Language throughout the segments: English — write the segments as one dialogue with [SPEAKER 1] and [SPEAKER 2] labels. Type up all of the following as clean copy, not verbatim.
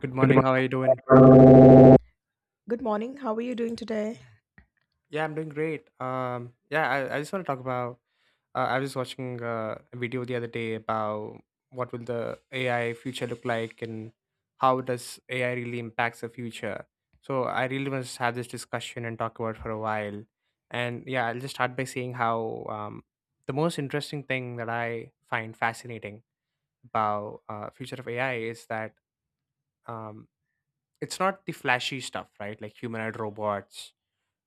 [SPEAKER 1] Good morning.
[SPEAKER 2] Good
[SPEAKER 1] How are you doing? Yeah, I'm doing great. Yeah, I just want to talk about. I was watching a video the other day about what will the AI future look like and how does AI really impacts the future. So I really want to have this discussion and talk about it for a while. And yeah, I'll just start by saying how the most interesting thing that I find fascinating about future of AI is that um, it's not the flashy stuff, right? Like humanoid robots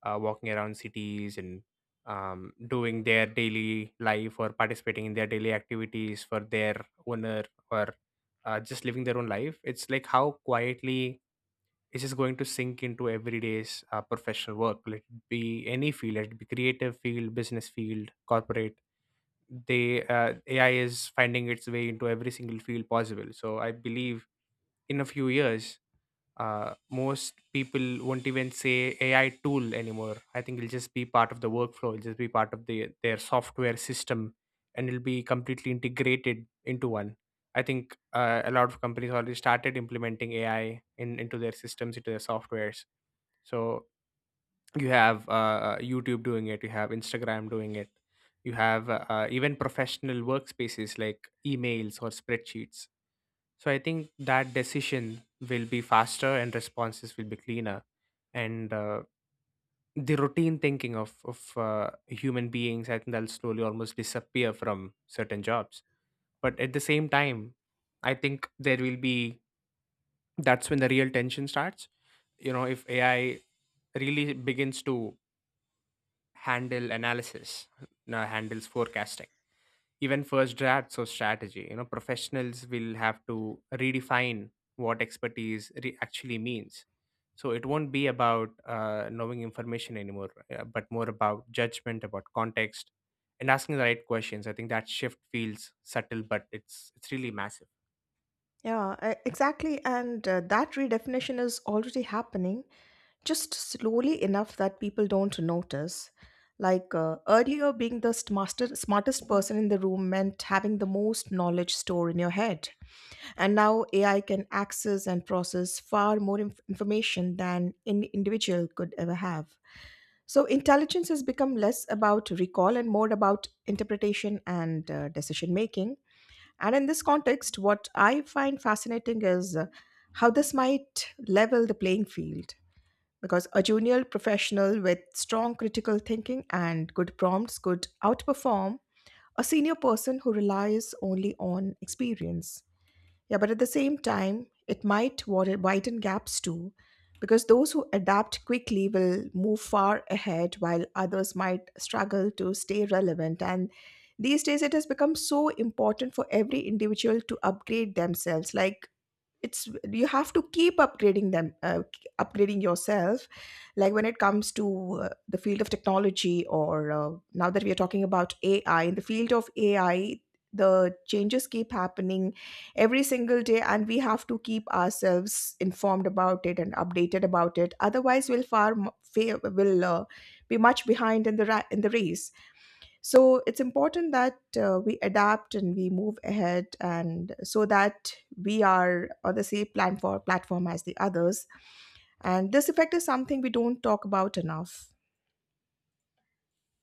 [SPEAKER 1] walking around cities and doing their daily life or participating in their daily activities for their owner or just living their own life. It's like how quietly it's just going to sink into everyday's professional work. Let it be any field, let it be creative field, business field, corporate. They AI is finding its way into every single field possible. So I believe in a few years, most people won't even say AI tool anymore. I think it'll just be part of the workflow. It'll just be part of the their software system, and it'll be completely integrated into one. I think a lot of companies already started implementing AI in into their systems, into their softwares. So you have YouTube doing it, you have Instagram doing it, you have even professional workspaces like emails or spreadsheets, so I think that decision will be faster and responses will be cleaner. And the routine thinking of human beings, I think that'll slowly almost disappear from certain jobs. But at the same time, I think there will be that's when the real tension starts. You know, if AI really begins to handle analysis, now handles forecasting, even first drafts of strategy, you know, professionals will have to redefine what actually means. So it won't be about knowing information anymore, but more about judgment, about context, and asking the right questions. I think that shift feels subtle but it's really massive.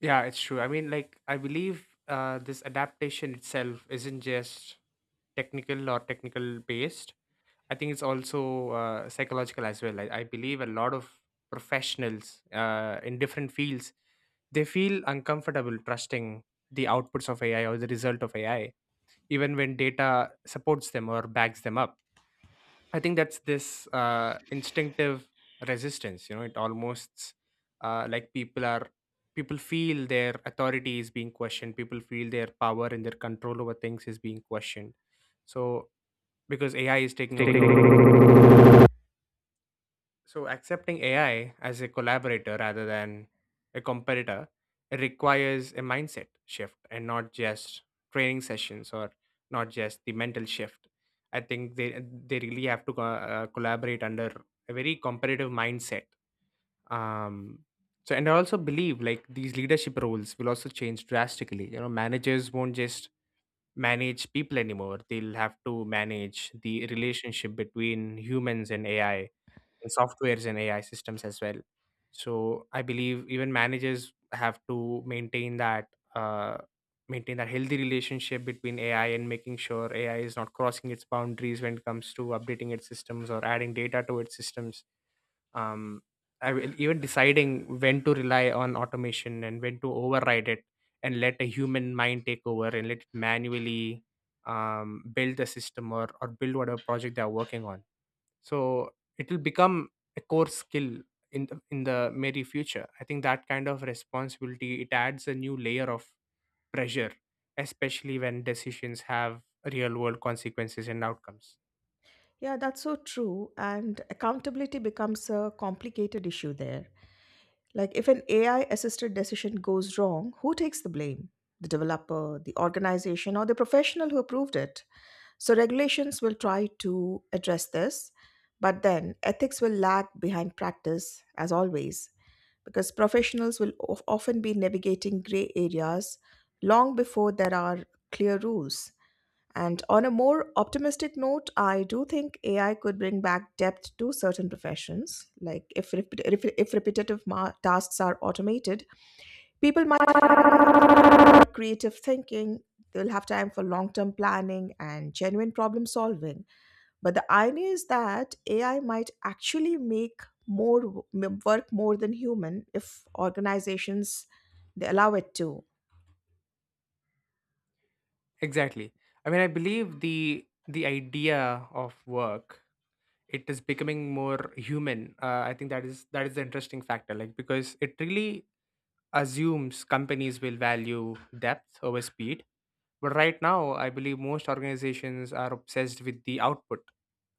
[SPEAKER 1] Yeah, it's true. I mean, like, I believe this adaptation itself isn't just technical or technical based. I think it's also psychological as well. I believe a lot of professionals in different fields, they feel uncomfortable trusting the outputs of AI or the result of AI, even when data supports them or backs them up. I think that's this instinctive resistance. You know, it almost like people feel their authority is being questioned. People feel their power and their control over things is being questioned. So because AI is taking over things.
[SPEAKER 2] morning.
[SPEAKER 1] So accepting AI as a collaborator rather than a competitor, it requires a mindset shift, and not just training sessions or not just the mental shift. I think they really have to collaborate under a very competitive mindset. Um, and I also believe like these leadership roles will also change drastically. You know, managers won't just manage people anymore. They'll have to manage the relationship between humans and AI, in softwares and AI systems as well. So I believe even managers have to maintain that, uh, maintain that healthy relationship between AI and making sure AI is not crossing its boundaries when it comes to updating its systems or adding data to its systems. Um, Even deciding when to rely on automation and when to override it and let a human mind take over and let it manually build the system, or build whatever project they're working on, so it will become a core skill in the merry future. I think that kind of responsibility, it adds a new layer of pressure, especially when decisions have real world consequences and outcomes. Exactly. I mean, I believe the idea of work, it is becoming more human. I think that is the interesting factor, like because it really assumes companies will value depth over speed. But right now, I believe most organizations are obsessed with the output,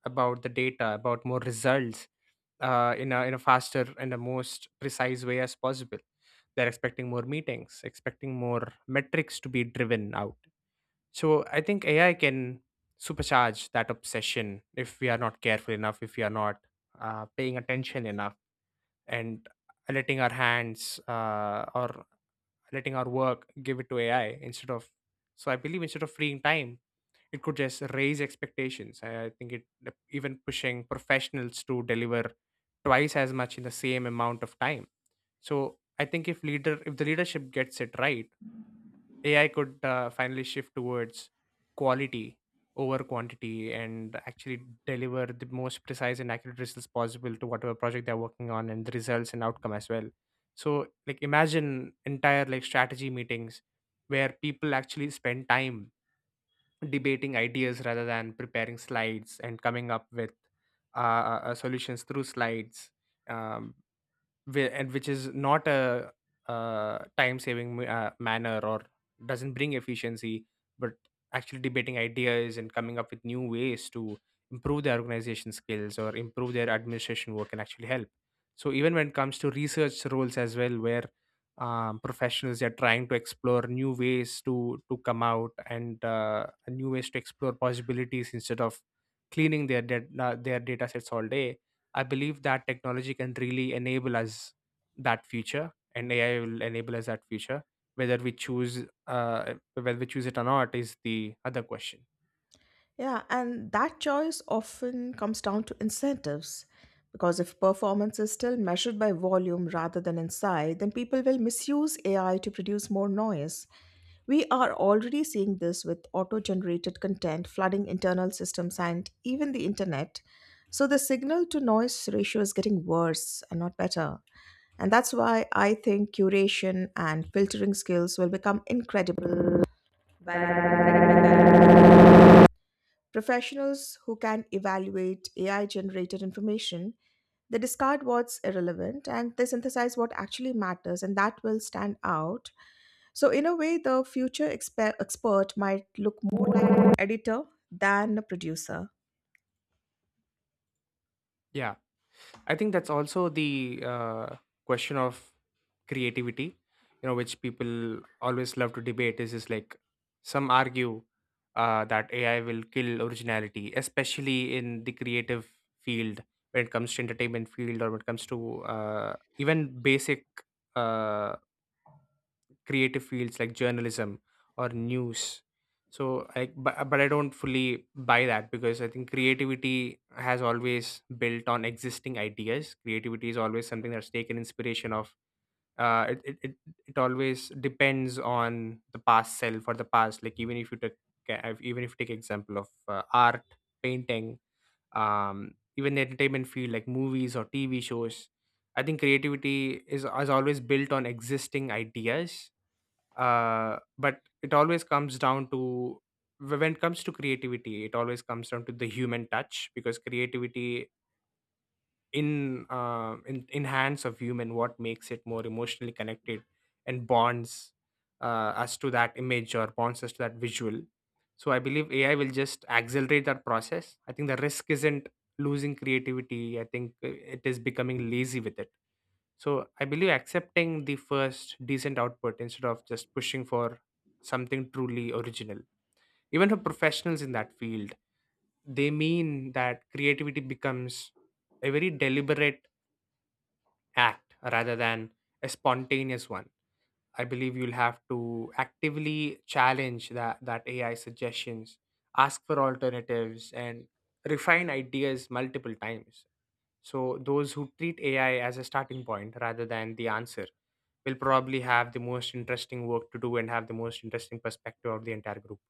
[SPEAKER 1] about the data, about more results, in a faster and a most precise way as possible. They're expecting more meetings, expecting more metrics to be driven out. So I think AI can supercharge that obsession if we are not careful enough, if we are not paying attention enough, and letting our hands or letting our work, give it to AI instead of. So I believe instead of freeing time, it could just raise expectations. I think it, even pushing professionals to deliver twice as much in the same amount of time. So I think if the leadership gets it right, AI could finally shift towards quality over quantity and actually deliver the most precise and accurate results possible to whatever project they're working on and the results and outcome as well. So like, imagine entire like strategy meetings where people actually spend time debating ideas rather than preparing slides and coming up with solutions through slides. Um, and which is not a, time saving manner or doesn't bring efficiency, but actually debating ideas and coming up with new ways to improve their organization skills or improve their administration work can actually help. So even when it comes to research roles as well, where professionals are trying to explore new ways to come out and new ways to explore possibilities instead of cleaning their data sets all day. I believe that technology can really enable us that future, and AI will enable us that future. Whether we choose it or not, is the other question. Yeah, I think that's also the question of creativity. You know, which people always love to debate is like some argue that AI will kill originality, especially in the creative field, when it comes to entertainment field or when it comes to even basic uh, creative fields like journalism or news. So I, but I don't fully buy that because I think creativity has always built on existing ideas. Creativity is always something that's taken inspiration of. Uh, it, it, it, it always depends on the past self or the past. Like even if you take example of art, painting, even the entertainment field like movies or TV shows. I think creativity is always built on existing ideas, but it always comes down to, when it comes to creativity, it always comes down to the human touch, because creativity in in hands of human, what makes it more emotionally connected and bonds us to that image or bonds us to that visual. So I believe AI will just accelerate that process. I think the risk isn't losing creativity. I think it is becoming lazy with it. So I believe accepting the first decent output instead of just pushing for something truly original. Even for professionals in that field, they mean that creativity becomes a very deliberate act rather than a spontaneous one. I believe you'll have to actively challenge that AI suggestions, ask for alternatives, and refine ideas multiple times. So those who treat AI as a starting point rather than the answer will probably have the most interesting work to do and have the most interesting perspective of the entire group.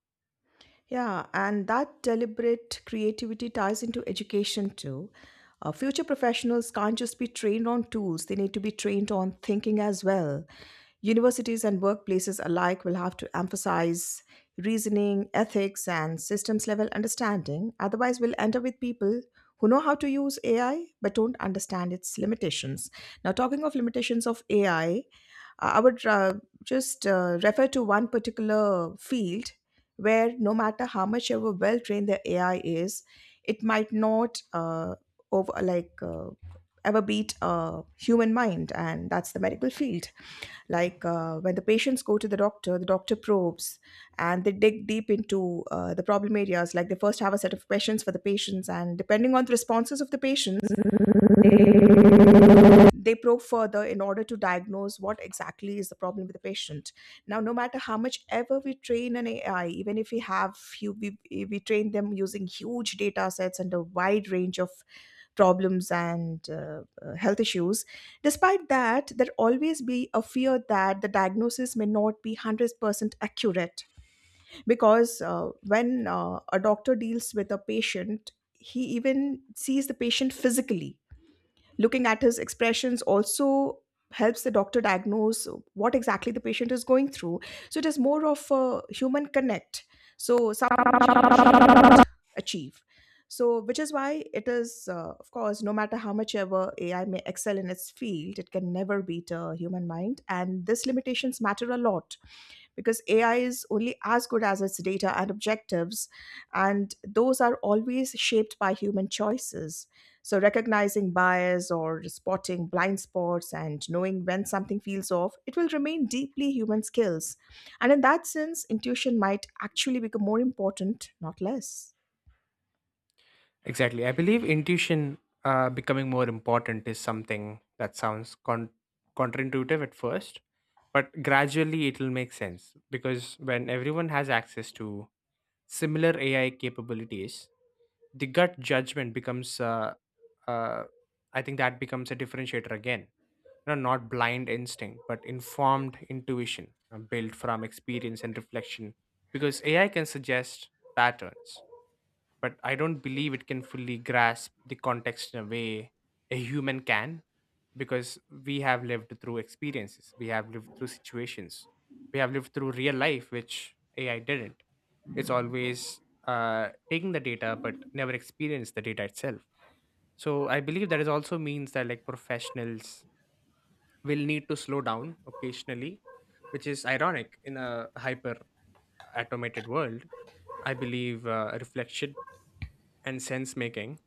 [SPEAKER 2] I.
[SPEAKER 1] Exactly. I believe intuition becoming more important is something that sounds counterintuitive at first, but gradually it will make sense because when everyone has access to similar AI capabilities, the gut judgment becomes uh, I think that becomes a differentiator again, you know, not blind instinct but informed intuition built from experience and reflection, because AI can suggest patterns, but I don't believe it can fully grasp the context in a way a human can, because we have lived through experiences, we have lived through situations, we have lived through real life, which AI didn't. It's always taking the data but never experience the data itself. So I believe that is also means that, like, professionals will need to slow down occasionally, which is ironic in a hyper automated world. I believe reflection and sense making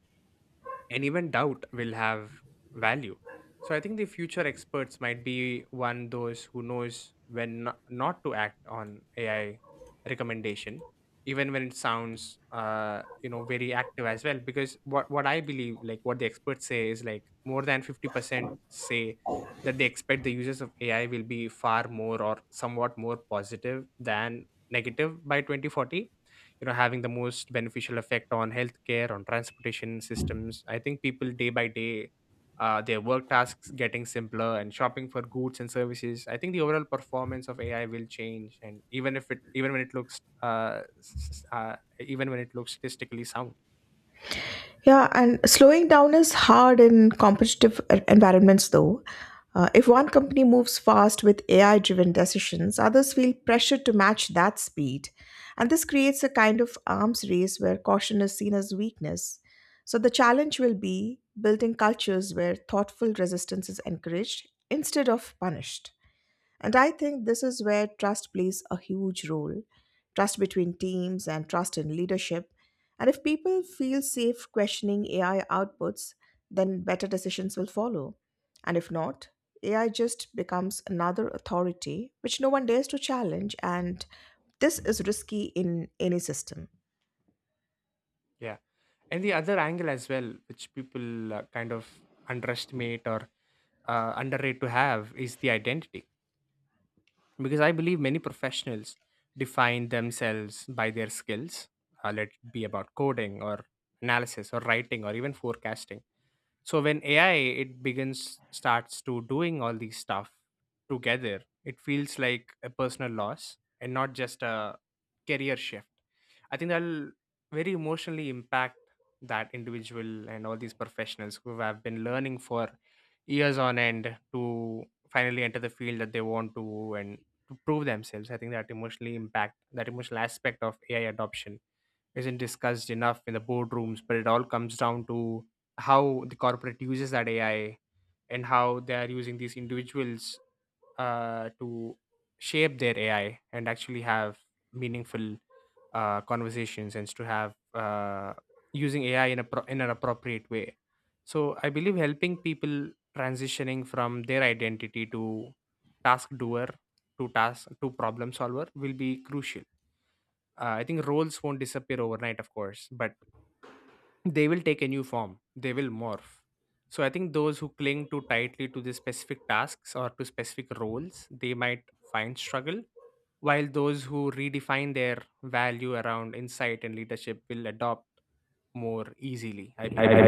[SPEAKER 1] and even doubt will have value. So I think the future experts might be one those who knows when no- not to act on AI recommendation, even when it sounds very active as well, because what I believe, like what the experts say, is like more than 50% say that they expect the uses of AI will be far more or somewhat more positive than negative by 2040, you know, having the most beneficial effect on healthcare, on transportation systems. I think people day by day, their work tasks getting simpler, and shopping for goods and services. I think the overall performance of AI will change, and even if it, even when it looks even when it looks statistically sound. Yeah. And the other angle as well, which people kind of underestimate or underrate to have, is the identity, because I believe many professionals define themselves by their skills, let it be about coding or analysis or writing or even forecasting. So when AI it begins starts to doing all these stuff together, it feels like a personal loss and not just a career shift. I think that'll very emotionally impact that individual, and all these professionals who have been learning for years on end to finally enter the field that they want to and to prove themselves, I think that emotionally impact, that emotional aspect of AI adoption isn't discussed enough in the boardrooms, but it all comes down to how the corporate uses that AI and how they are using these individuals to shape their AI and actually have meaningful conversations, and to have using AI in a in an appropriate way. So I believe helping people transitioning from their identity to task doer to task to problem solver will be crucial. Uh, I think roles won't disappear overnight, of course, but they will take a new form, they will morph. So I think those who cling too tightly to the specific tasks or to specific roles, they might find struggle, while those who redefine their value around insight and leadership will adopt more easily, I believe.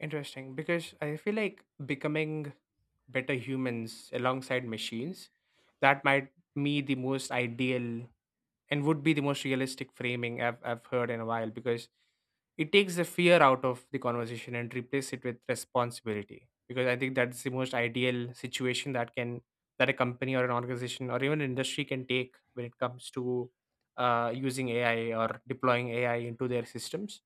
[SPEAKER 1] Interesting, because I feel like becoming better humans alongside machines, that might be the most ideal and would be the most realistic framing I've heard in a while, because it takes the fear out of the conversation and replace it with responsibility, because I think that's the most ideal situation that can that a company or an organization or even industry can take when it comes to using AI or deploying AI into their systems.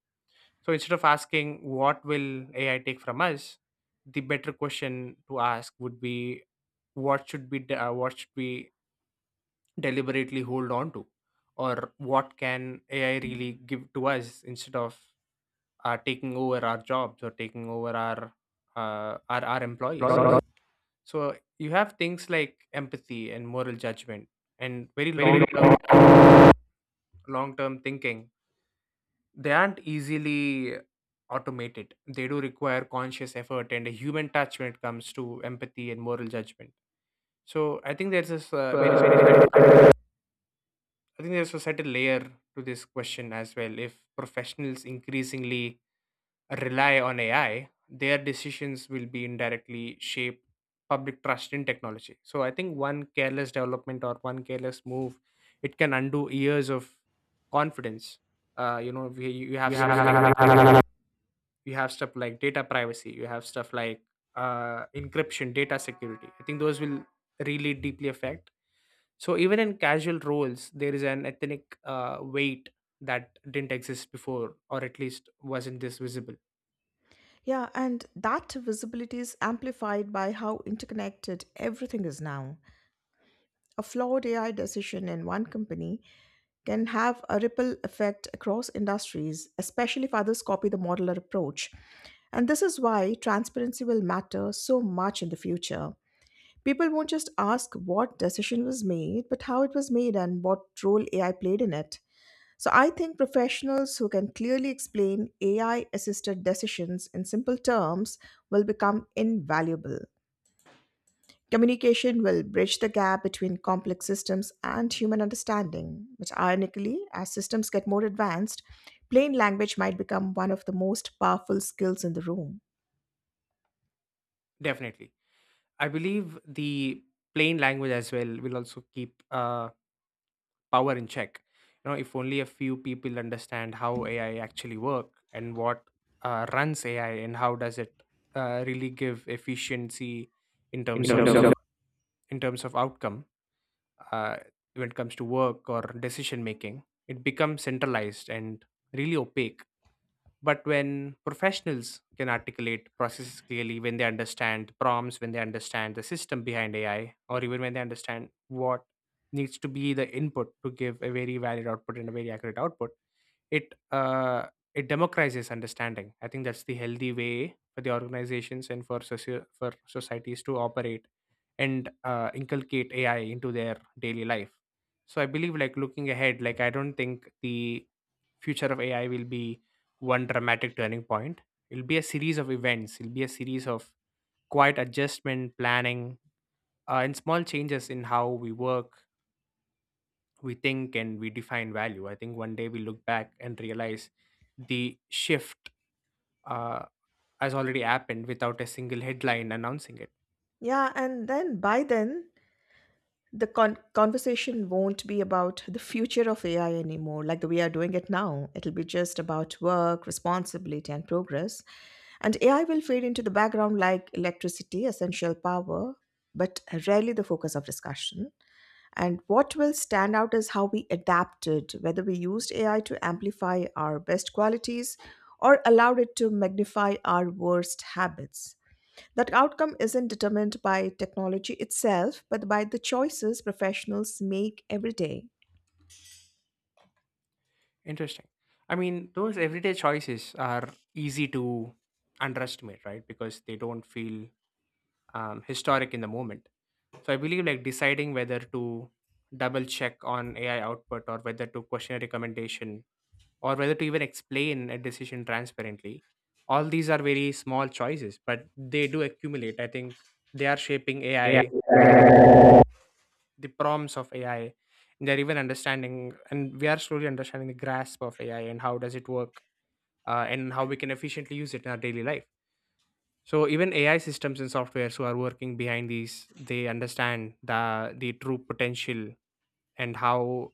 [SPEAKER 1] So instead of asking what will AI take from us, the better question to ask would be what should be what should we deliberately hold on to, or what can AI really give to us instead of taking over our jobs or taking over our, our employees. So you have things like empathy and moral judgment and very
[SPEAKER 2] Very good.
[SPEAKER 1] long term thinking. They aren't easily automated, they do require conscious effort and a human touch when it comes to empathy and moral judgment. So I think there's this very
[SPEAKER 2] Uh,
[SPEAKER 1] I think there's a certain layer to this question as well. If professionals increasingly rely on AI, their decisions will be indirectly shape public trust in technology. So I think one careless development or one careless move, it can undo years of confidence. You know, you
[SPEAKER 2] we
[SPEAKER 1] have stuff like
[SPEAKER 2] have
[SPEAKER 1] data privacy. You have stuff like encryption, data security. I think those will really deeply affect. So even in casual roles, there is an ethnic weight that didn't exist before, or at least wasn't this visible. Definitely, I believe the plain language as well will also keep power in check. You know, if only a few people understand how AI actually work, and what runs AI, and how does it really give efficiency in
[SPEAKER 2] in
[SPEAKER 1] terms of
[SPEAKER 2] terms of
[SPEAKER 1] in terms of outcome uh, when it comes to work or decision making, it becomes centralized and really opaque. But when professionals can articulate processes clearly, when they understand the prompts, when they understand the system behind AI, or even when they understand what needs to be the input to give a very valid output and a very accurate output, it uh, it democratizes understanding. I think that's the healthy way for the organizations and for for societies to operate and inculcate AI into their daily life. So I believe, like, looking ahead, like, I don't think the future of AI will be one dramatic turning point. It'll be a series of events, it'll be a series of quiet adjustment planning and small changes in how we work, we think and we define value. I think one day we look back and realize the shift uh, has already happened without a single headline announcing it. Interesting. I mean, those everyday choices are easy to underestimate, right? Because they don't feel historic in the moment. So I believe, like, deciding whether to double check on AI output, or whether to question a recommendation, or whether to even explain a decision transparently. All these are very small choices, but they do accumulate. I think they are shaping AI,
[SPEAKER 2] AI.
[SPEAKER 1] the prompts of AI, and they're even understanding, and we are slowly understanding the grasp of AI and how does it work, and how we can efficiently use it in our daily life. So even AI systems and softwares who are working behind these, they understand the true potential, and how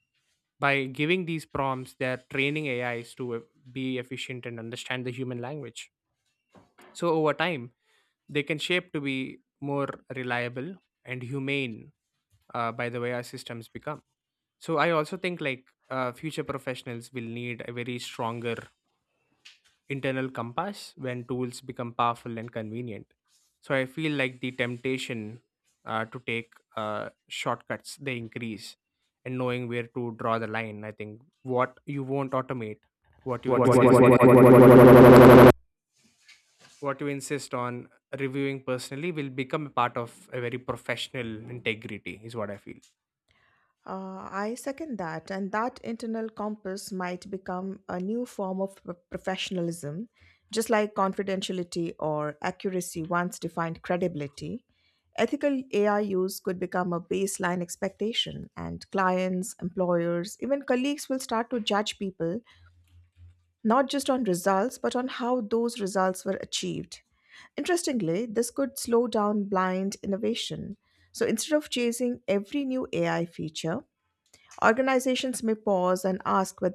[SPEAKER 1] by giving these prompts, they're training AIs to be efficient and understand the human language. So over time, they can shape to be more reliable and humane by the way our systems become. So I also think, like, future professionals will need a very stronger internal compass when tools become powerful and convenient. So I feel like the temptation to take shortcuts they increase, and knowing where to draw the line. I think what you won't automate, what you insist what you insist on reviewing personally will become a part of a very professional integrity, is what I feel.